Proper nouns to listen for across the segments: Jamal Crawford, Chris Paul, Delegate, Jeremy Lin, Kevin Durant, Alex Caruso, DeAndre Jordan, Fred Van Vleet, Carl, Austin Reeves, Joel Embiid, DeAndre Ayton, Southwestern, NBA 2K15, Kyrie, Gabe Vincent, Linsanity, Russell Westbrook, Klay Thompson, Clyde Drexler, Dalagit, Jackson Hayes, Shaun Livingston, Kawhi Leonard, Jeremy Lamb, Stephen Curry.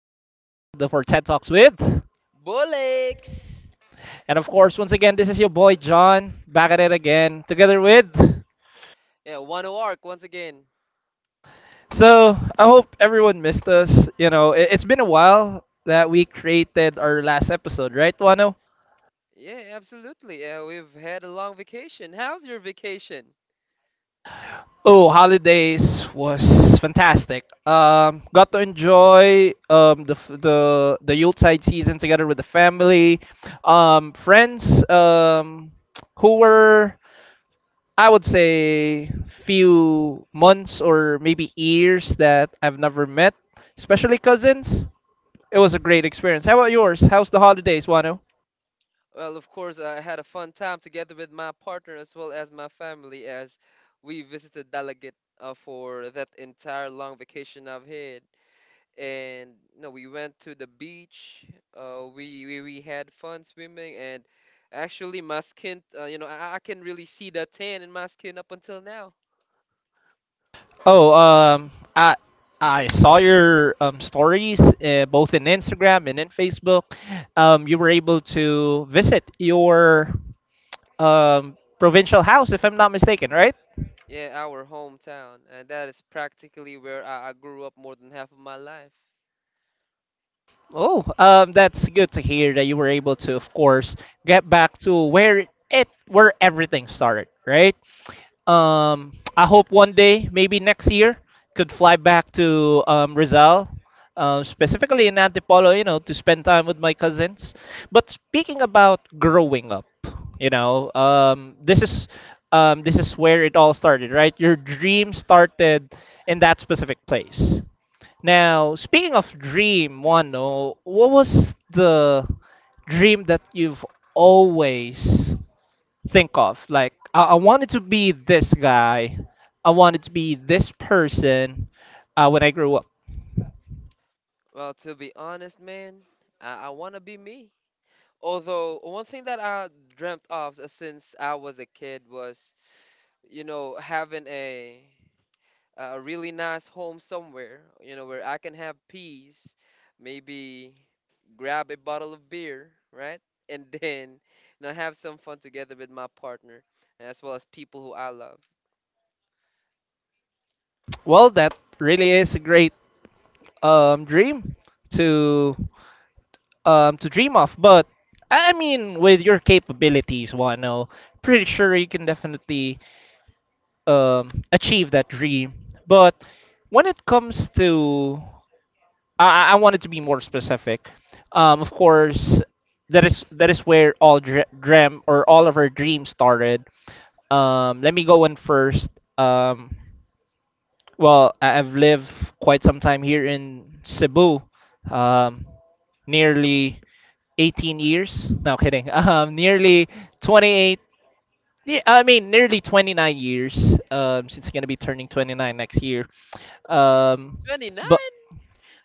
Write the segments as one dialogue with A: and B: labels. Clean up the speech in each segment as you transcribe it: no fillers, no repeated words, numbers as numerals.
A: of our TED Talks with.
B: Bolex.
A: And of course, once again, this is your boy John back at it again together with.
B: Yeah, one arc once again.
A: So, I hope everyone missed us. It's been a while that we created our last episode, right, Wano?
B: Yeah, absolutely. Yeah, we've had a long vacation. How's your vacation?
A: Oh, holidays was fantastic. Got to enjoy the f- the Yuletide season together with the family, friends, who were, I would say, few months or maybe years that I've never met, especially cousins. It was a great experience. How about yours? How's the holidays, Wano?
B: Well, of course, I had a fun time together with my partner as well as my family as we visited Dalagit, for that entire long vacation I've had. And no, we went to the beach. We had fun swimming. And actually, my skin, I can really see the tan in my skin up until now.
A: Oh, I saw your stories, both in Instagram and in Facebook. You were able to visit your provincial house, if I'm not mistaken, right?
B: Yeah, our hometown, and that is practically where I grew up more than half of my life.
A: Oh, that's good to hear that you were able to, of course, get back to where everything started, right? I hope one day, maybe next year, could fly back to Rizal, specifically in Antipolo, to spend time with my cousins. But speaking about growing up, you know, um, this is this is where it all started, right? Your dream started in that specific place. Now, speaking of dream, Wano, what was the dream that you've always think of? Like, I wanted to be this guy. I wanted to be this person when I grew up.
B: Well, to be honest, man, I want to be me. Although, one thing that I dreamt of since I was a kid was, having a really nice home somewhere, where I can have peace, maybe grab a bottle of beer, right? And then, have some fun together with my partner, as well as people who I love.
A: Well, that really is a great dream to to dream of. But I mean, with your capabilities, Wano, pretty sure you can definitely achieve that dream. But when it comes to I wanted to be more specific. Of course, that is where all dream or all of our dreams started. Let me go in first. Um, well, I've lived quite some time here in Cebu, um, nearly 18 years. No kidding. Nearly
B: Mm.
A: 28. Yeah, I mean, nearly 29 years. Since it's gonna be turning 29 next year. Um, but
B: 29?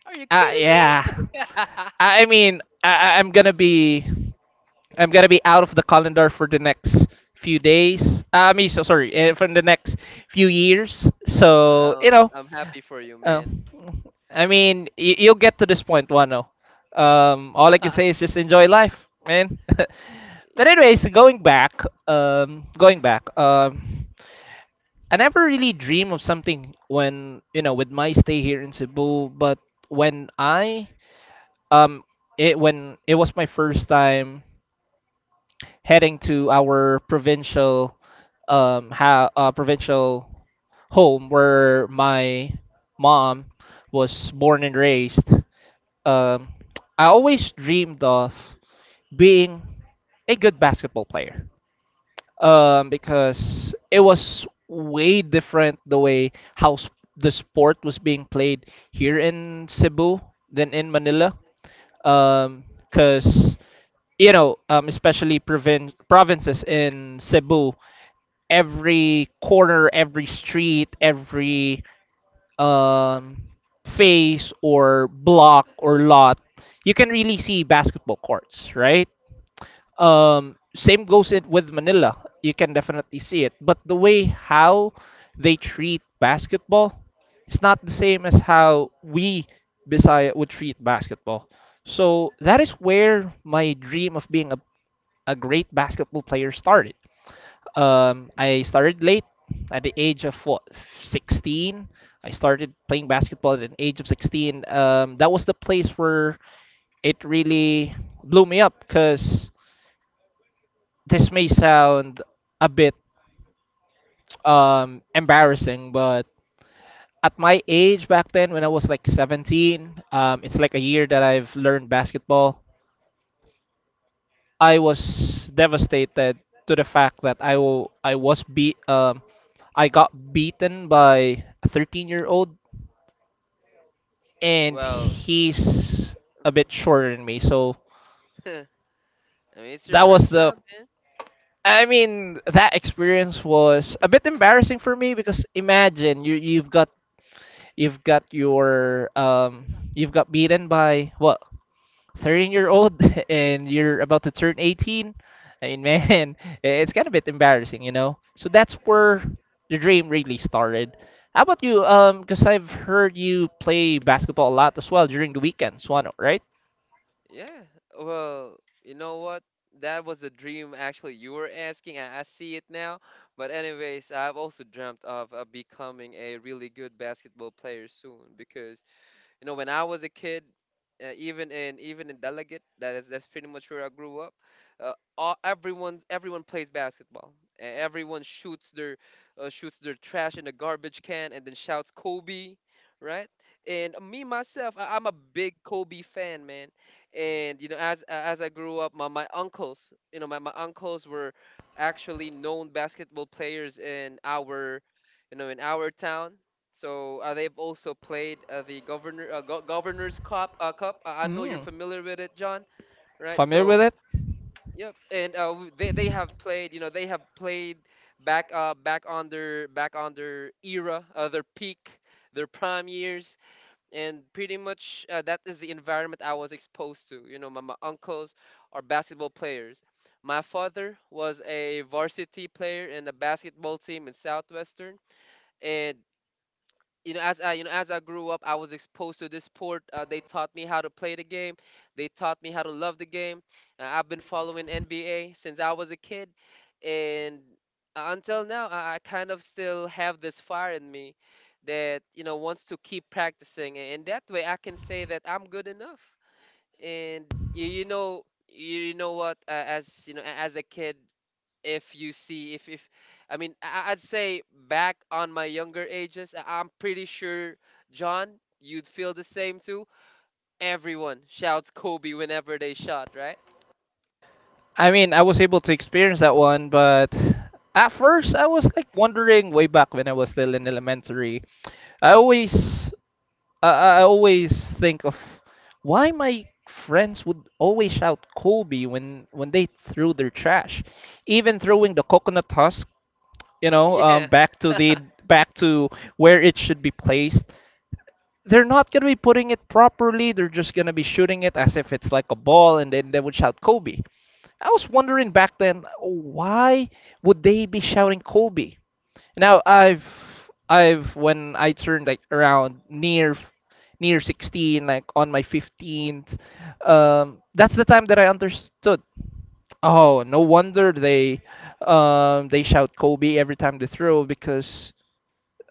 B: Are you
A: uh,
B: kidding
A: yeah.
B: me? Yeah.
A: I mean, I'm gonna be out of the calendar for the next few days. I mean, so sorry, from the next few years. So you
B: Oh,
A: know,
B: I'm happy for you,
A: uh,
B: man.
A: I mean, you'll get to this point, Wano. All I can say is just enjoy life, man. But anyways, going back, I never really dream of something when you know with my stay here in Cebu, but when I um, when it was my first time heading to our provincial home where my mom was born and raised. Um, I always dreamed of being a good basketball player because it was way different the way how the sport was being played here in Cebu than in Manila, um because especially provinces in Cebu, every corner, every street, every um face or block or lot, you can really see basketball courts, right. Same goes it with Manila. You can definitely see it, but the way how they treat basketball, it's not the same as how we Bisaya would treat basketball. So that is where my dream of being a great basketball player started. I started late at the age of what, 16. I started playing basketball at an age of 16. That was the place where it really blew me up because this may sound a bit embarrassing. But at my age back then, when I was like 17, it's like a year that I've learned basketball. I was devastated to the fact that I was beat. I got beaten by a 13-year-old year old, and
B: Well,
A: he's a
B: mhm.
A: bit shorter than me. So
B: I mean, it's your
A: that was
B: first
A: the.
B: job, man.
A: I mean, that experience was a bit embarrassing for me, because imagine You've got your um, you've got beaten by what, 13-year-old year old, and you're about to turn 18. I mean, man, it's kind of a bit embarrassing. So that's where the dream really started. How about you? Because I've heard you play basketball a lot as well during the weekends, one, right?
B: Yeah. Well, you know what? That was a dream actually you were asking. I see it now. But anyways, I've also dreamt of becoming a really good basketball player soon, because when I was a kid, even in Delegate, that's pretty much where I grew up. All, everyone everyone plays basketball. Everyone shoots their trash in the garbage can and then shouts Kobe, right? And me myself, I'm a big Kobe fan, man. And as I grew up, my uncles were actually known basketball players in our, in our town, so they've also played the governor governor's cup. I know you're
A: Mm,
B: familiar with it, John, right?
A: familiar
B: So
A: with it?
B: yep. And they have played. Back on their era, their peak, their prime years. And pretty much, that is the environment I was exposed to. You know, my uncles are basketball players. My father was a varsity player in the basketball team in Southwestern. And as I grew up, I was exposed to this sport. They taught me how to play the game. They taught me how to love the game. I've been following NBA since I was a kid. And until now, I kind of still have this fire in me that wants to keep practicing, and that way I can say that I'm good enough. And you, you know you, you know what as a kid, if you see if I mean, I'd say, back on my younger ages, I'm pretty sure, John, you'd feel the same too. Everyone shouts Kobe whenever they shot, right?
A: I mean, I was able to experience that one, but at first I was like wondering way back when I was still in elementary. I always I always think of why my friends would always shout Kobe when they threw their trash, even throwing the coconut husk, you know, um,
B: Yeah,
A: back to the back to where it should be placed. They're not gonna be putting it properly. They're just gonna be shooting it as if it's like a ball, and then they would shout Kobe. I was wondering back then, why would they be shouting Kobe? Now I've when I turned, like, around near 16, like on my 15th, that's the time that I understood. Oh, no wonder they shout Kobe every time they throw, because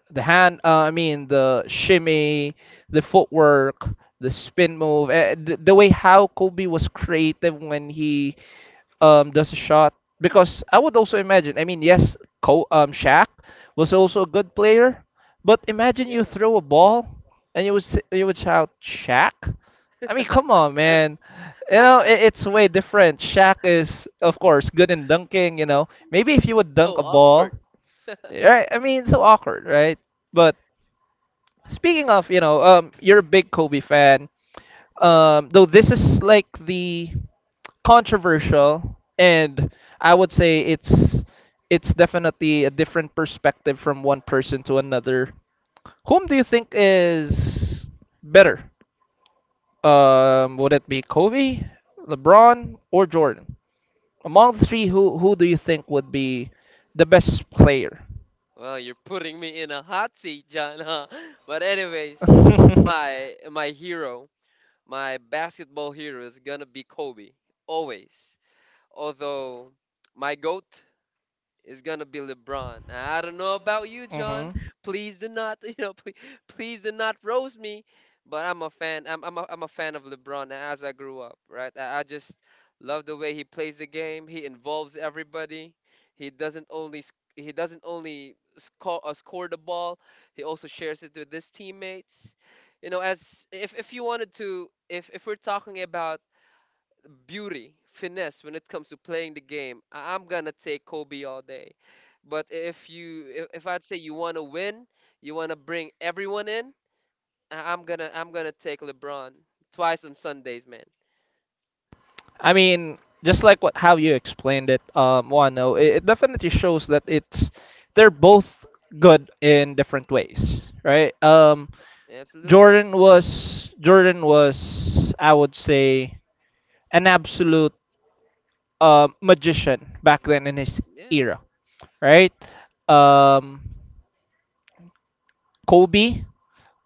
A: the hand, I mean, the shimmy, the footwork, the spin move, the way how Kobe was creative when he does a shot, because I would also imagine. I mean, yes, Co Shaq was also a good player, but imagine you
B: yeah.
A: throw a ball and you would shout Shaq. I mean, come on, man. It's way different. Shaq is, of course, good in dunking. Maybe if you
B: It's
A: would dunk
B: so
A: a ball,
B: awkward.
A: right? I mean, so awkward, right? But speaking of, you're a big Kobe fan.
B: Yeah.
A: Though this is like the controversial, and I would say it's definitely a different perspective from one person to another. Whom do you think is better? Would it be Kobe, LeBron, or Jordan? Among the three, who do you think would be the best player?
B: Well, you're putting me in a hot seat, John, huh? But anyways, my hero, my basketball hero is gonna be Kobe, always. Although, my GOAT, it's gonna be LeBron. I don't know about you, John.
A: Hmm.
B: Please do not, please, please do not roast me. But I'm a fan. I'm a fan of LeBron as I grew up, right? I just love the way he plays the game. He involves everybody. He doesn't only score the ball. He also shares it with his teammates. You know, as if you wanted to, if we're talking about beauty, finesse when it comes to playing the game, I'm gonna take Kobe all day. But if I'd say you want to win, you want to bring everyone in, I'm gonna take LeBron twice on Sundays, man.
A: I mean, just like what how you explained it, Wano, it definitely shows that it's they're both good in different ways, right?
B: Absolutely.
A: Jordan was, I would say, an absolute magician back then in his
B: Yeah.
A: era, right? Um, Kobe,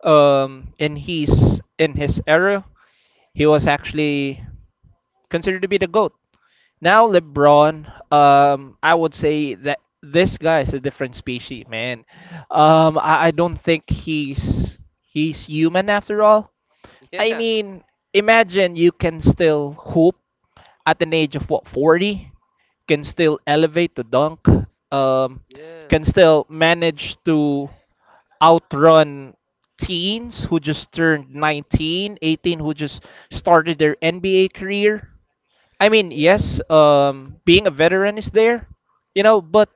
A: in his era, he was actually considered to be the goat. Now LeBron, I would say that this guy is a different species, man. I don't think he's human after all. I mean, imagine you can still hoop at an age of what, 40, can still elevate to dunk, um,
B: Yeah. Yeah.
A: can still manage to outrun teens who just turned 19, 18, who just started their NBA career. I mean,
B: Yeah.
A: yes, being a veteran is there, but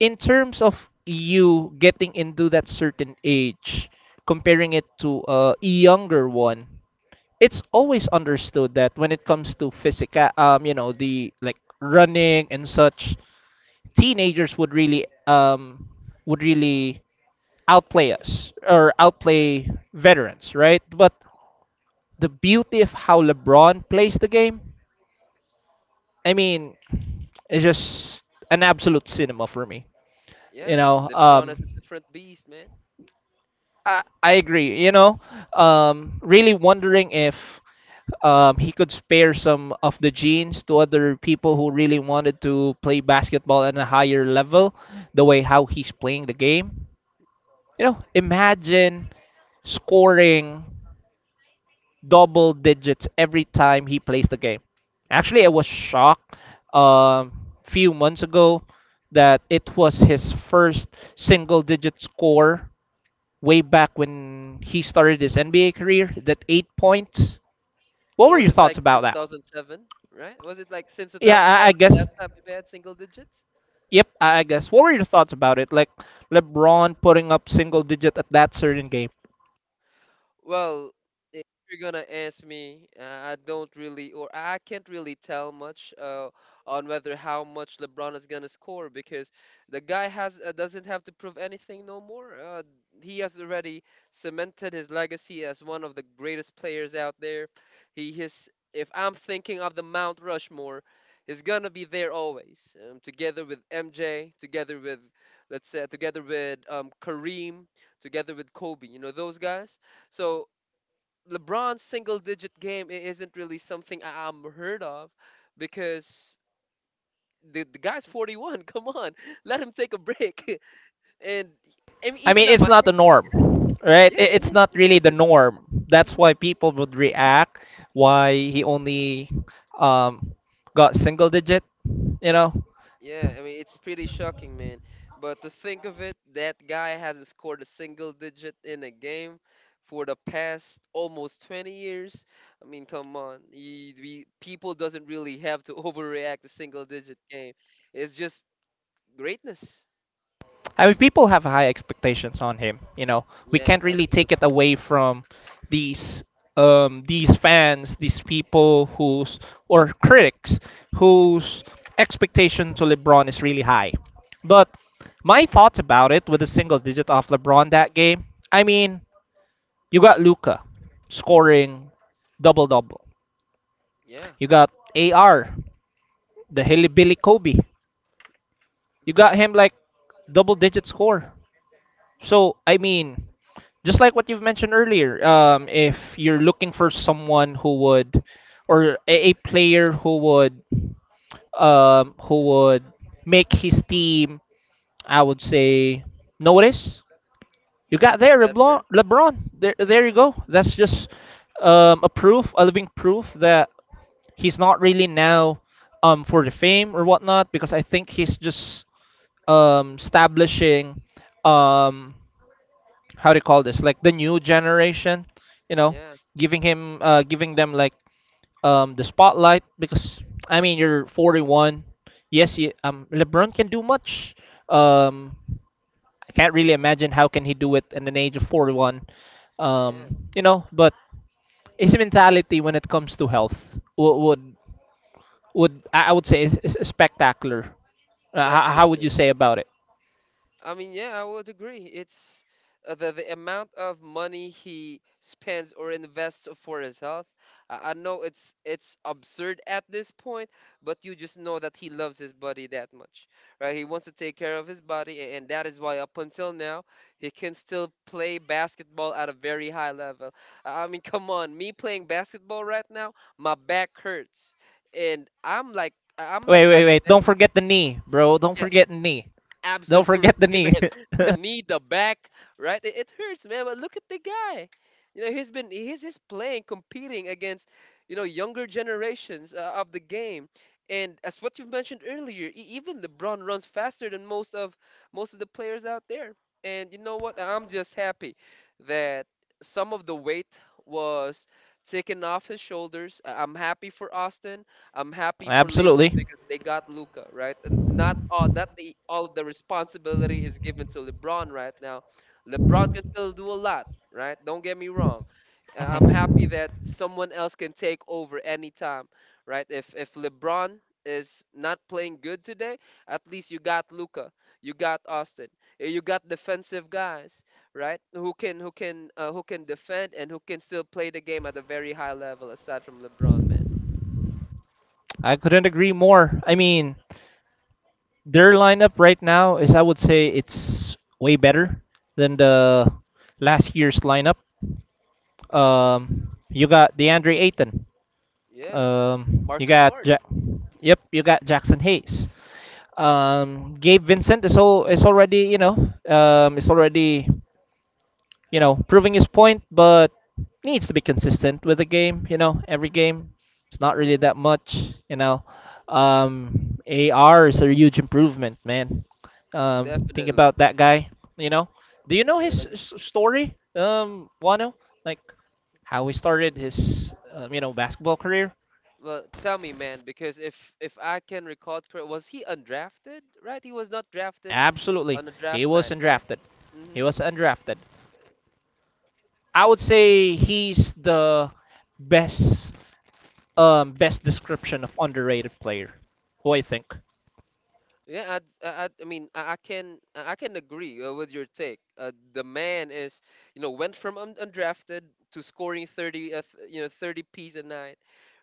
A: in terms of you getting into that certain age, comparing it to a younger one, it's always understood that when it comes to physical, the, like, running and such, teenagers would really outplay us or
B: Yeah.
A: outplay veterans, right? But the beauty of how LeBron plays the game, I mean, it's just an absolute cinema for me. You
B: Yeah.
A: know,
B: LeBron is a
A: um,
B: different beast, man.
A: I agree. Really wondering if he could spare some of the genes to other people who really wanted to play basketball at a higher level, the way how he's playing the game. Imagine scoring double digits every time he plays the game. Actually, I was
B: Yeah.
A: shocked, um, few months ago, that it was his first single digit score way back when he started his NBA career. That 8 points. What
B: It
A: were
B: was,
A: your
B: it
A: thoughts
B: like
A: about
B: since
A: that?
B: 2007, right? Was it like since
A: Yeah, I
B: 2007, the
A: guess.
B: last time you had single digits?
A: Yep, I guess. What were your thoughts about it? Like LeBron putting up single digit at that certain game.
B: Well, if you're gonna ask me, I don't really, or I can't really tell much, on whether how much LeBron is gonna score, because the guy has doesn't have to prove anything no more. He has already cemented his legacy as one of the greatest players out there. He His, if I'm thinking of the Mount Rushmore, is gonna be there always, together with MJ, together with Kareem, together with Kobe. You know those guys. So LeBron's single digit game isn't really something I'm heard of, because the guy's 41. Come on, let him take a break. And I mean,
A: I
B: even
A: mean,
B: at
A: it's
B: my.
A: not the norm, right?
B: Yeah, yeah,
A: I-
B: it
A: It's
B: is.
A: not
B: It
A: really the
B: isn't.
A: norm. That's
B: Mm-hmm.
A: why people would react. Why he only um, got single digit, you know?
B: Yeah, I mean it's pretty shocking, man. But to think of it, that guy hasn't scored a single digit in a game for the past almost 20 years. I mean, come on, people doesn't really have to overreact a single digit game. It's just greatness.
A: I mean, people have high expectations on him. We
B: Yeah,
A: can't really take it
B: absolutely.
A: away from these these fans, these people whose, or critics whose, expectation to LeBron is really high. But my thoughts about it with a single digit off LeBron that game. I mean, you got Luca scoring double double.
B: Yeah,
A: You got AR, the Hilly Kobe. You got him like double digit score. So I mean, just like what you've mentioned earlier, if you're looking for someone who would, or a player who would make his team, I would say, notice, you got there
B: better.
A: LeBron. LeBron. There you go. That's just a proof, a living proof that he's not really now for the fame or whatnot, because I think he's just establishing um how do you call this, like the new generation, you know,
B: Yeah,
A: giving him giving them like the spotlight, because I mean you're 41. Yes, LeBron can do much. Um I can't really imagine how can he do it in an age of 41.
B: yeah,
A: But his mentality when it comes to health would I would say is spectacular. How would you
B: definitely.
A: say about it?
B: I mean, yeah, I would agree. It's the amount of money he spends or invests for his health. I know it's absurd at this point, but you just know that he loves his body that much, right? He wants to take care of his body, and that is why up until now he can still play basketball at a very high level. I mean, come on, me playing basketball right now, my back hurts, and I'm like
A: Wait,
B: a.
A: wait, wait! Don't forget the knee, bro. Don't
B: Yeah.
A: forget the knee. Don't forget the
B: Absolutely,
A: knee.
B: man. The knee, the back, right? It hurts, man. But look at the guy. You know, he's been he's playing, competing against, younger generations, of the game. And as what you've mentioned earlier, even LeBron runs faster than most of the players out there. And you know what? I'm just happy that some of the weight was taken off his shoulders. I'm happy for Austin. I'm happy for Lakers,
A: Absolutely.
B: because they got Luca, right? And not all that the all of the responsibility is given to LeBron right now. LeBron can still do a lot, right? Don't get me wrong. I'm happy
A: Mhm.
B: that someone else can take over anytime, right? If LeBron is not playing good today, at least you got Luca, you got Austin, you got defensive guys, right? Who can defend, and who can still play the game at a very high level aside from LeBron, man.
A: I couldn't agree more. I mean, their lineup right now is, I would say, it's way better than the last year's lineup. You got DeAndre Ayton.
B: Yeah.
A: Um, you
B: Marcus
A: got
B: Smart.
A: ja- Yep, you got Jackson Hayes. Gabe Vincent is all is already you know is already proving his point, but needs to be consistent with the game. You know, every game it's not really
B: Hmm.
A: that much. AR is a huge improvement, man. Think
B: Definitely.
A: about that guy. You know, do you know his
B: Like,
A: story? Wano, like how he started his basketball career.
B: well, tell me, man, because if I can recall correct, was he undrafted? Right, he was not drafted
A: Absolutely,
B: on a
A: he
B: draft
A: was
B: night, right?
A: undrafted. He
B: Mm-hmm.
A: was undrafted I would say he's the best best description of underrated player. What do you think?
B: Yeah, I can agree, with your take. The man is, went from undrafted to scoring thirty, th- you know, 30 Ps a night,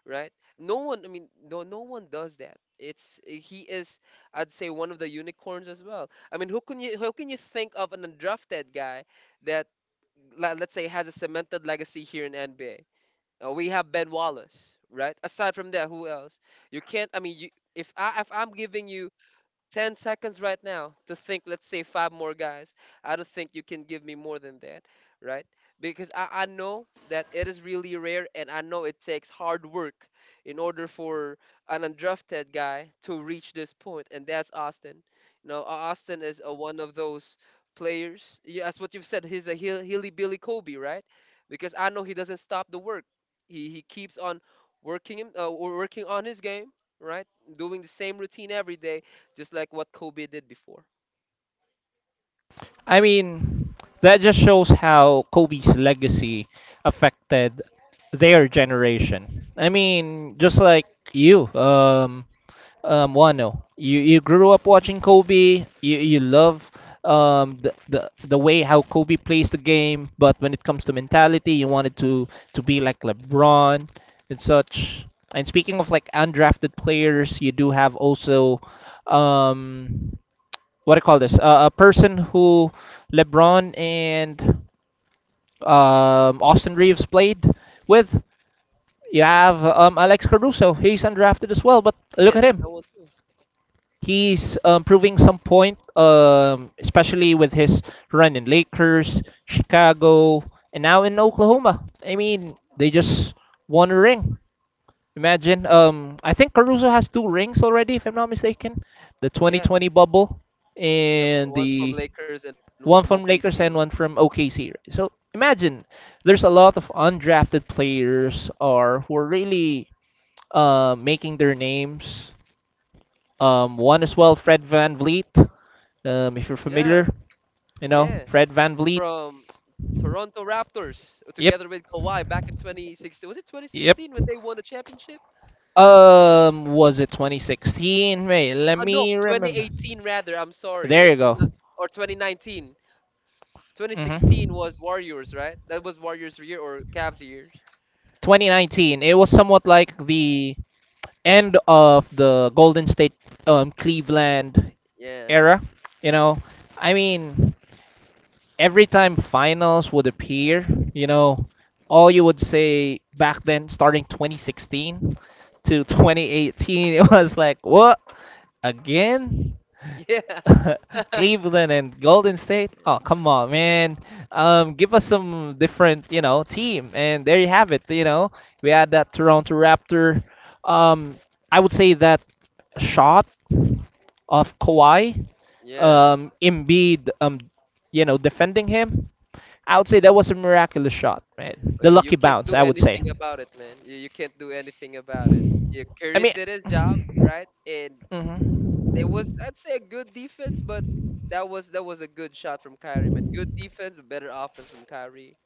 B: right? No one. I mean, no, no one does that. It's, he is, I'd say, one of the unicorns as well. I mean, who can you think of an undrafted guy that, let's say, has a cemented legacy here in NBA? We have Ben Wallace, right? Aside from that, who else? You can't. I mean, you, if I, if I'm giving you 10 seconds right now to think, let's say, five more guys. I don't think you can give me more than that, right? Because I know that it is really rare, and I know it takes hard work in order for an undrafted guy to reach this point. And that's Austin. You know, Austin is one of those players. Yeah, that's what you've said, he's a hilly billy Kobe, right? Because I know he doesn't stop the work. He keeps on working on his game, right? Doing the same routine every day, just like what Kobe did before.
A: I mean, that just shows how Kobe's legacy affected their generation. I mean, just like you, um, Wano. You grew up watching Kobe. You love the way how Kobe plays the game, but when it comes to mentality, you wanted to be like LeBron and such. And speaking of like undrafted players, you do have also um what do you call this? A person who LeBron and Austin Reeves played with. You
B: Hmm.
A: have Alex Caruso. He's undrafted as well, but
B: Yeah,
A: look at
B: that,
A: him
B: that one too.
A: he's proving some point, especially with his run in Lakers, Chicago, and now in Oklahoma. I mean, they just won a ring. Imagine. I think Caruso has two rings already, if I'm not mistaken. The
B: Yeah,
A: 2020 bubble
B: yep.
A: and
B: One from
A: the
B: Lakers and one from
A: one from
B: OKC.
A: Lakers and one from OKC. So imagine there's a lot of undrafted players are who are really making their names, one as well, Fred Van Vliet. If you're
B: Yeah,
A: familiar, you
B: yeah.
A: know Fred Van Vliet.
B: From Toronto Raptors,
A: Yep,
B: together with Kawhi back in 2016. Was it
A: yep.
B: 2016 when they won the championship?
A: Was it 2016? Wait, let
B: No,
A: me remember.
B: 2018 rather. I'm sorry
A: There you
B: if I'm
A: go.
B: not. Or 2019.
A: hmm
B: 2016 was Warriors, right? That was Warriors' year, or Cavs' years.
A: 2019. It was somewhat like the end of the Golden State, Cleveland
B: Yeah.
A: era. You know, I mean, every time finals would appear, you know, all you would say back then, starting 2016 to 2018, it was like, what? Again?
B: Yeah.
A: Cleveland and Golden State? Oh, come on, man. Give us some different, you know, team. And there you have it, you know. We had that Toronto Raptor. Um, I would say that shot of Kawhi,
B: Yeah.
A: Embiid, you know, defending him, I would say that was a miraculous shot, right? The
B: You
A: lucky
B: can't
A: bounce,
B: do
A: I would say.
B: anything about it, man. You can't do anything about it. Yeah,
A: I
B: Curry
A: mean,
B: did his job, right? And
A: hmm
B: it was, I'd say, a good defense, but that was a good shot from Kyrie, man. Good defense, but better offense from Kyrie.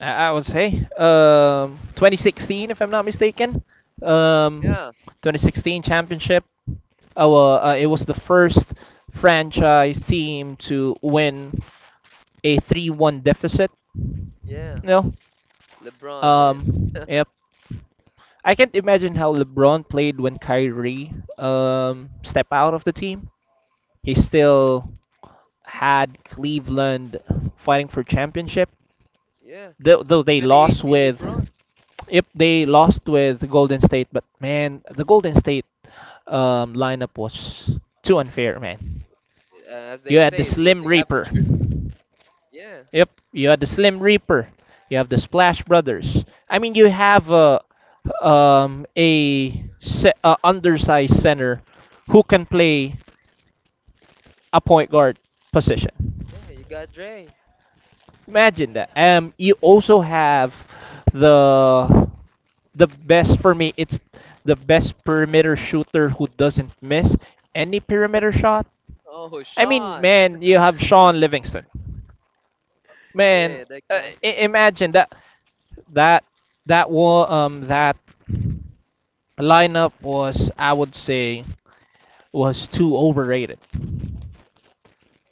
A: I would say, 2016, if I'm not mistaken, um,
B: Yeah,
A: 2016 championship. Oh, it was the first franchise team to win a 3-1 deficit. You
B: yeah.
A: know?
B: LeBron, man.
A: Yep. I can't imagine how LeBron played when Kyrie stepped out of the team. He still had Cleveland fighting for championship,
B: Yeah,
A: though they lost
B: 2018
A: with
B: LeBron.
A: if they lost with Golden State, but man, the Golden State lineup was too unfair, man.
B: As they
A: You had the
B: say, it was
A: Slim
B: the
A: Reaper.
B: Avengers. Yeah,
A: Yep, you had the Slim Reaper, you have the Splash Brothers. I mean, you have a, se- a undersized center who can play a point guard position.
B: yeah. You got Dre.
A: Imagine that. You also have the the best for me. It's the best perimeter shooter who doesn't miss any perimeter shot.
B: Oh,
A: I mean,
B: Sean.
A: man, you have Sean Livingston. Man,
B: Yeah, that guy.
A: imagine that. That that war that lineup was I would say was too overrated.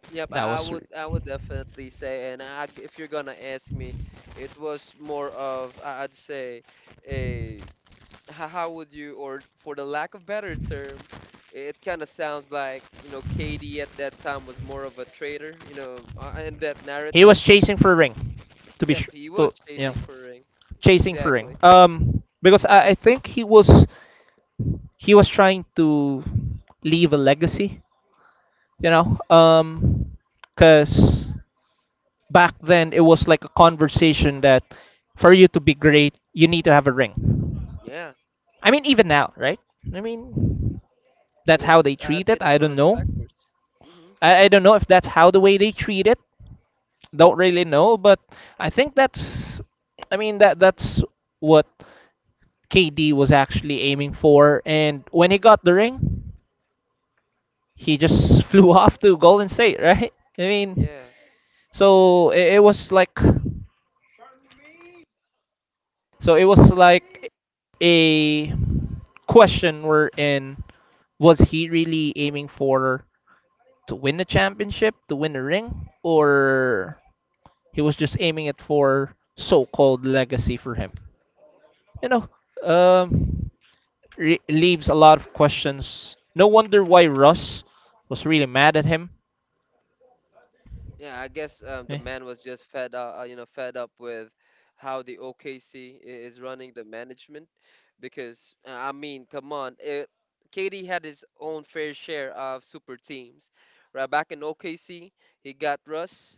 B: Yep,
A: That
B: I I
A: was
B: would I would definitely say, and I, if you're gonna ask me, it was more of I'd say a how would you, or for the lack of better term, it kind of sounds like KD at that time was more of a traitor, in that
A: he was
B: narrative.
A: chasing for a ring, to be
B: Yep,
A: sure.
B: he was chasing for ring.
A: Chasing for a ring.
B: Exactly.
A: Because I think he was trying to leave a legacy. You know, because back then it was like a conversation that for you to be great you need to have a ring.
B: Yeah,
A: I mean even now, right? I mean that's how they
B: that's I'd
A: treat
B: say
A: it. I
B: that's one
A: don't
B: of the
A: know.
B: factors. Hmm.
A: I don't know if that's how the way they treat it. Don't really know, but I think that's I mean that's what KD was actually aiming for and when he got the ring, he just flew off to Golden State, right? I mean,
B: Yeah.
A: so it was like so it was like a question wherein was he really aiming for to win the championship, to win the ring, or He was just aiming it for so-called legacy for him. You know, um, leaves a lot of questions. No wonder why Russ was really mad at him.
B: Yeah, I guess the
A: Eh.
B: man was just fed up with how the OKC is running the management, because I mean, come on, KD had his own fair share of super teams. Right back in OKC, he got Russ,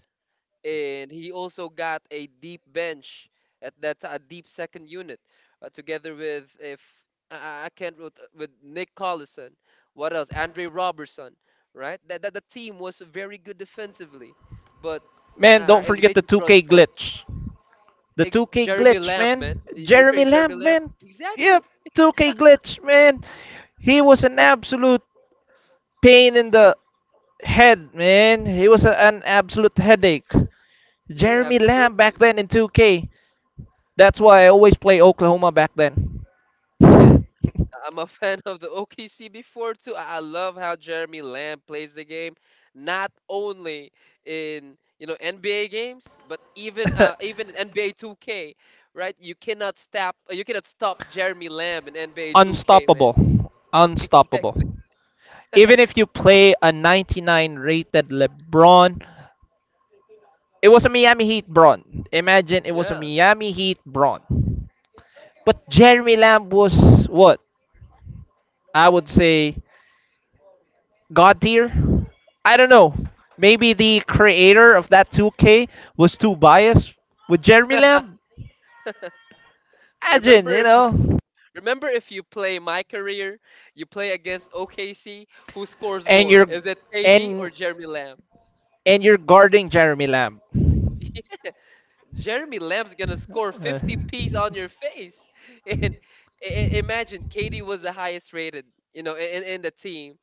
B: and he also got a deep bench a deep second unit, together with, if I can't, with Nick Collison, what else? Andre Robertson, right? That the team was very good defensively, but
A: Man, don't forget
B: they
A: the
B: just run
A: 2K
B: short.
A: glitch. The 2K
B: Jeremy
A: glitch,
B: Lamb,
A: man.
B: man. You're
A: Jeremy
B: referring Jeremy
A: Lamb,
B: Lamb?
A: man. Yep,
B: Exactly.
A: 2K glitch, man. He was an absolute pain in the head, man. He was an absolute headache.
B: Yeah,
A: Jeremy Lamb back
B: absolutely.
A: then in 2K. That's why I always play Oklahoma back then.
B: Yeah, I'm a fan of the OKC before too. I love how Jeremy Lamb plays the game, not only in, NBA games, but even in NBA 2K, right? You cannot stop Jeremy Lamb in NBA 2K, man.
A: Unstoppable. Unstoppable.
B: Exactly.
A: Even if you play a 99 rated LeBron, it was a Miami Heat Bron. Imagine it was a
B: Yeah.
A: Miami Heat Bron. But Jeremy Lamb was what? I would say God tier. I don't know. Maybe the creator of that 2K was too biased with Jeremy Lamb. Imagine,
B: Remember
A: you
B: if you,
A: know,
B: remember if you play my career, you play against OKC, who scores
A: and
B: more?
A: you're
B: Is it KD
A: and
B: or Jeremy Lamb?
A: and you're guarding Jeremy Lamb.
B: Jeremy Lamb's gonna score
A: Uh,
B: 50 P's on your face. And imagine Katie was the highest rated, you know, in the team.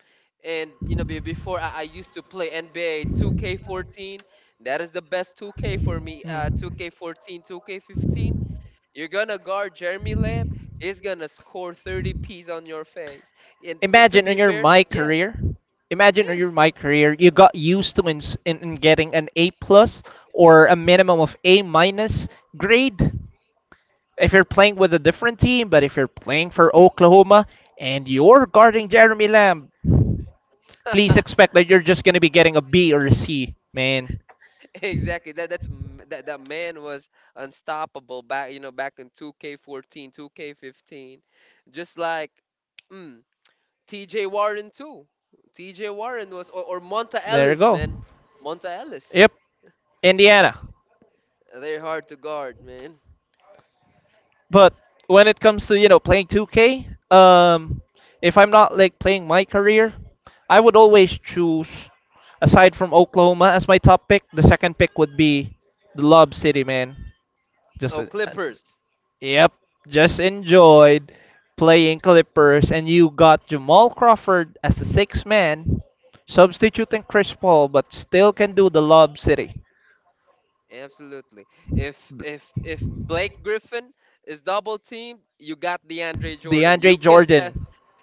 B: And before I used to play NBA 2K14. That is the best 2K for me.
A: Mm.
B: 2K14, 2K15. You're gonna guard Jeremy Lamb. He's gonna score 30 P's on your face. And to
A: Imagine
B: be
A: in your
B: fair,
A: my
B: yeah,
A: career, Imagine in
B: yeah.
A: your my career, you got used to in getting an A plus or a minimum of A minus grade if you're playing with a different team. But if you're playing for Oklahoma and you're guarding Jeremy Lamb, please expect that you're just gonna be getting a B or a C, man.
B: Exactly. That that's m- that that man was unstoppable back in 2K14, 2K15. Just like mm, TJ Warren too. TJ Warren was, or Monta
A: There you
B: Ellis,
A: go.
B: man. Monta Ellis.
A: Yep, Indiana.
B: They're hard to guard, man.
A: But when it comes to, you know, playing 2K, um, if I'm not like playing my career, I would always choose, aside from Oklahoma as my top pick, the second pick would be the Lob City, man. Just,
B: Oh,
A: uh, uh,
B: Clippers.
A: yep, just enjoyed playing Clippers, and you got Jamal Crawford as the sixth man, substituting Chris Paul, but still can do the Lob City.
B: Absolutely. If Blake Griffin is double teamed, you got DeAndre Jordan. You
A: DeAndre
B: can
A: Jordan.
B: pass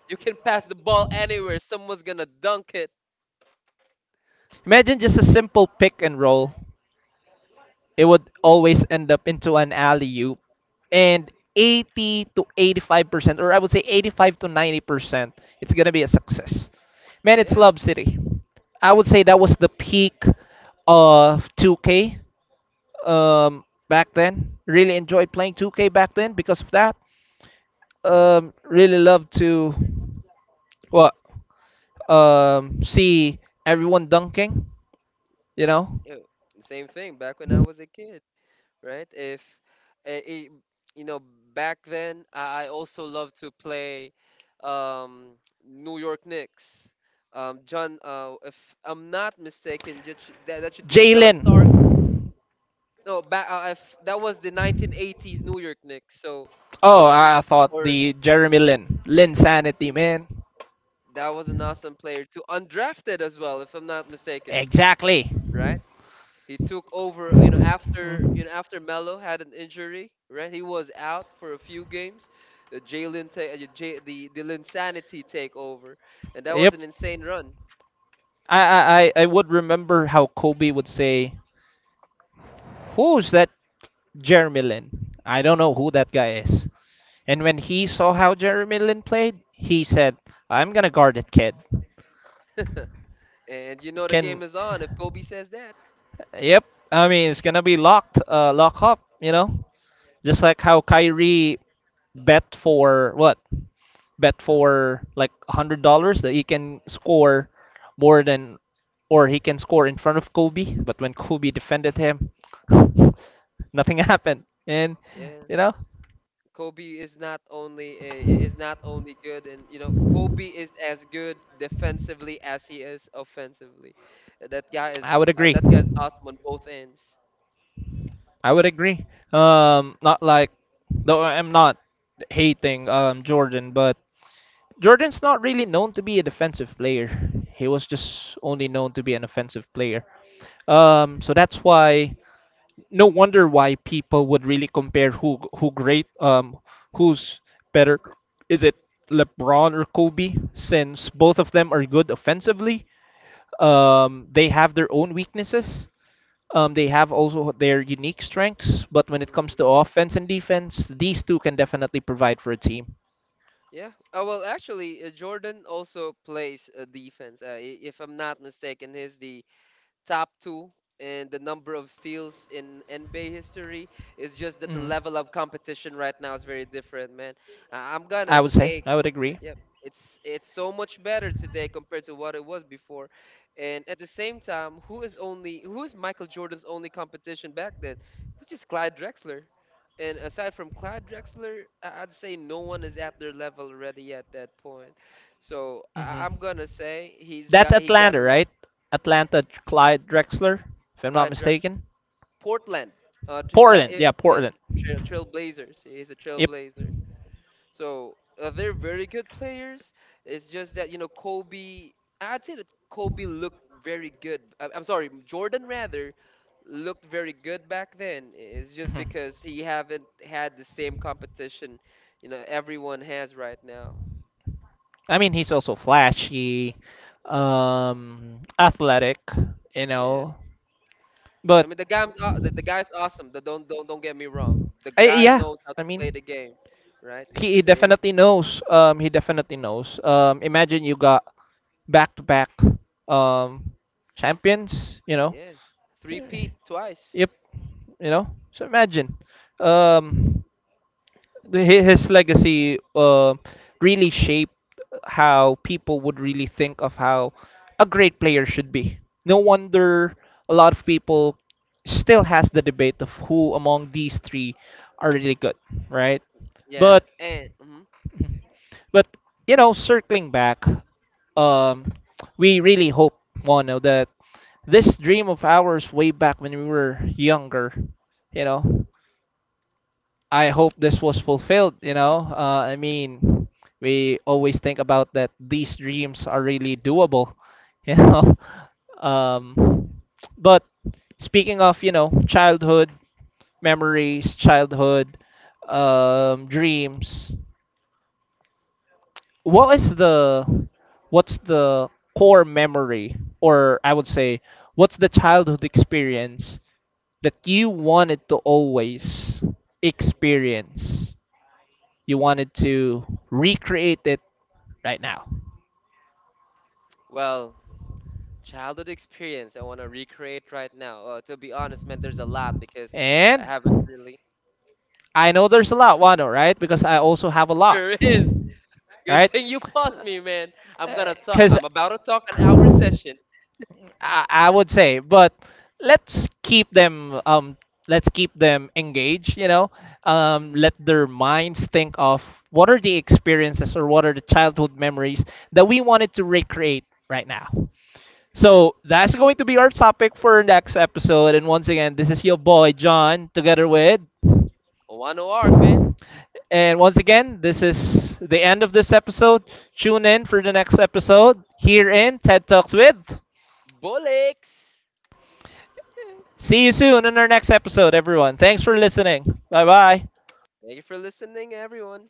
B: you can pass the ball anywhere. Someone's gonna dunk it.
A: Imagine just a simple pick and roll. It would always end up into an alley oop. And 80 to 85%, or I would say 85 to 90%, it's going to be a success. Man, it's
B: Yeah.
A: Love City. I would say that was the peak of 2K, back then. Really enjoyed playing 2K back then because of that. Really loved to what, see everyone dunking, you know.
B: Yeah, same thing back when I was a kid, right? If eh, eh, you know, back then I also loved to play um, New York Knicks. John, if I'm not mistaken, that should, that should be John
A: Jalen.
B: Stark. No, back if that was the 1980s New York Knicks. So,
A: Oh, I
B: mm,
A: thought
B: or
A: the Jeremy Lin. Lin Sanity,
B: mm,
A: man.
B: that was an awesome player too, undrafted as well, if I'm not mistaken,
A: Exactly.
B: right? He took over, after
A: Mm.
B: after Melo had an injury, right? He was out for a few games. Jalen, the Linsanity take over, and that was
A: Yep.
B: an insane run.
A: I would remember how Kobe would say, who's that Jeremy Lin? I don't know who that guy is. And when he saw how Jeremy Lin played, he said, I'm gonna guard it, kid.
B: And you know the game
A: Can
B: is on if Kobe says that.
A: yep. I mean it's gonna be locked, lock up, you know? Just like how Kyrie bet for what? Bet for like $100 that he can score more than or he can score in front of Kobe, but when Kobe defended him, nothing happened. And
B: Yeah,
A: you know,
B: Kobe is not only good, and you know Kobe is as good defensively as he is offensively. Uh, That guy is
A: I would
B: uh,
A: agree.
B: that guy's awesome on both ends.
A: I would agree. Not like though I'm not hating Jordan, but Jordan's not really known to be a defensive player. He was just only known to be an offensive player. So that's why no wonder why people would really compare who's better is it LeBron or Kobe since both of them are good offensively, um, they have their own weaknesses, um, they have also their unique strengths but when it comes to
B: Mm-hmm.
A: offense and defense these two can definitely provide for a team.
B: Yeah. Well, actually, Jordan also plays defense. If I'm not mistaken, he's the top two in the number of steals in NBA history. It's just that the
A: hmm
B: level of competition right now is very different, man. I'm gonna
A: I would say
B: take.
A: I would agree.
B: Yep. It's so much better today compared to what it was before. And at the same time, who is Michael Jordan's only competition back then? It was just Clyde Drexler. And aside from Clyde Drexler, I'd say no one is at their level already at that point. So
A: hmm
B: I'm gonna say he's
A: that's
B: got he got
A: Atlanta
B: a lot.
A: right, Atlanta Clyde Drexler, if I'm not
B: Clyde Drexler.
A: mistaken.
B: Portland, uh, tr- uh,
A: Portland,
B: eh,
A: yeah,
B: yeah,
A: Portland,
B: Trailblazers. He's a
A: yep.
B: Trailblazer. So, they're very good players. It's just that you know Kobe. I'd say that Kobe looked very good. I'm sorry, Jordan rather looked very good back then. It's just
A: Mhm.
B: because he haven't had the same competition, everyone has right now.
A: I mean, he's also flashy, athletic, you
B: Yeah,
A: know.
B: I
A: But
B: mean the guy's awesome. Don't get me wrong. The guy
A: yeah,
B: knows how
A: I
B: to play
A: mean,
B: the game, right?
A: he
B: It,
A: definitely knows. He definitely knows. Imagine you got back-to-back, um, champions, you know.
B: yeah, three peat twice.
A: Yep, you know. So imagine. Um, his legacy, really shaped how people would really think of how a great player should be. No wonder a lot of people still has the debate of who among these three are really good, right?
B: Yeah,
A: But
B: and mhm.
A: but you know, circling back, um, we really hope Mono that this dream of ours way back when we were younger, you know. I hope this was fulfilled, you know. I mean, we always think about that these dreams are really doable, you know. Um, but speaking of, you know, childhood memories, childhood, dreams, what is the what's the core memory or I would say what's the childhood experience that you wanted to always experience? You wanted to recreate it right now.
B: Well, childhood experience I want to recreate right now. To be honest, man, there's a lot because I
A: And
B: haven't really.
A: I know there's a lot, Wano, right? Because I also have a lot,
B: There is. Good
A: right?
B: thing you paused me, man. I'm gonna talk.
A: Because
B: I'm about to talk an hour session.
A: I would say, but let's keep them, um, let's keep them engaged. You know,
B: Mm-hmm.
A: let their minds think of what are the experiences or what are the childhood memories that we wanted to recreate right now. So that's going to be our topic for next episode. And once again, this is your boy John, together with
B: Wano arc, man.
A: And once again, this is the end of this episode. Tune in for the next episode here in TED Talks with.
B: Bullocks.
A: See you soon in our next episode, everyone. Thanks for listening. Bye
B: Yeah.
A: bye.
B: Thank you for listening, everyone.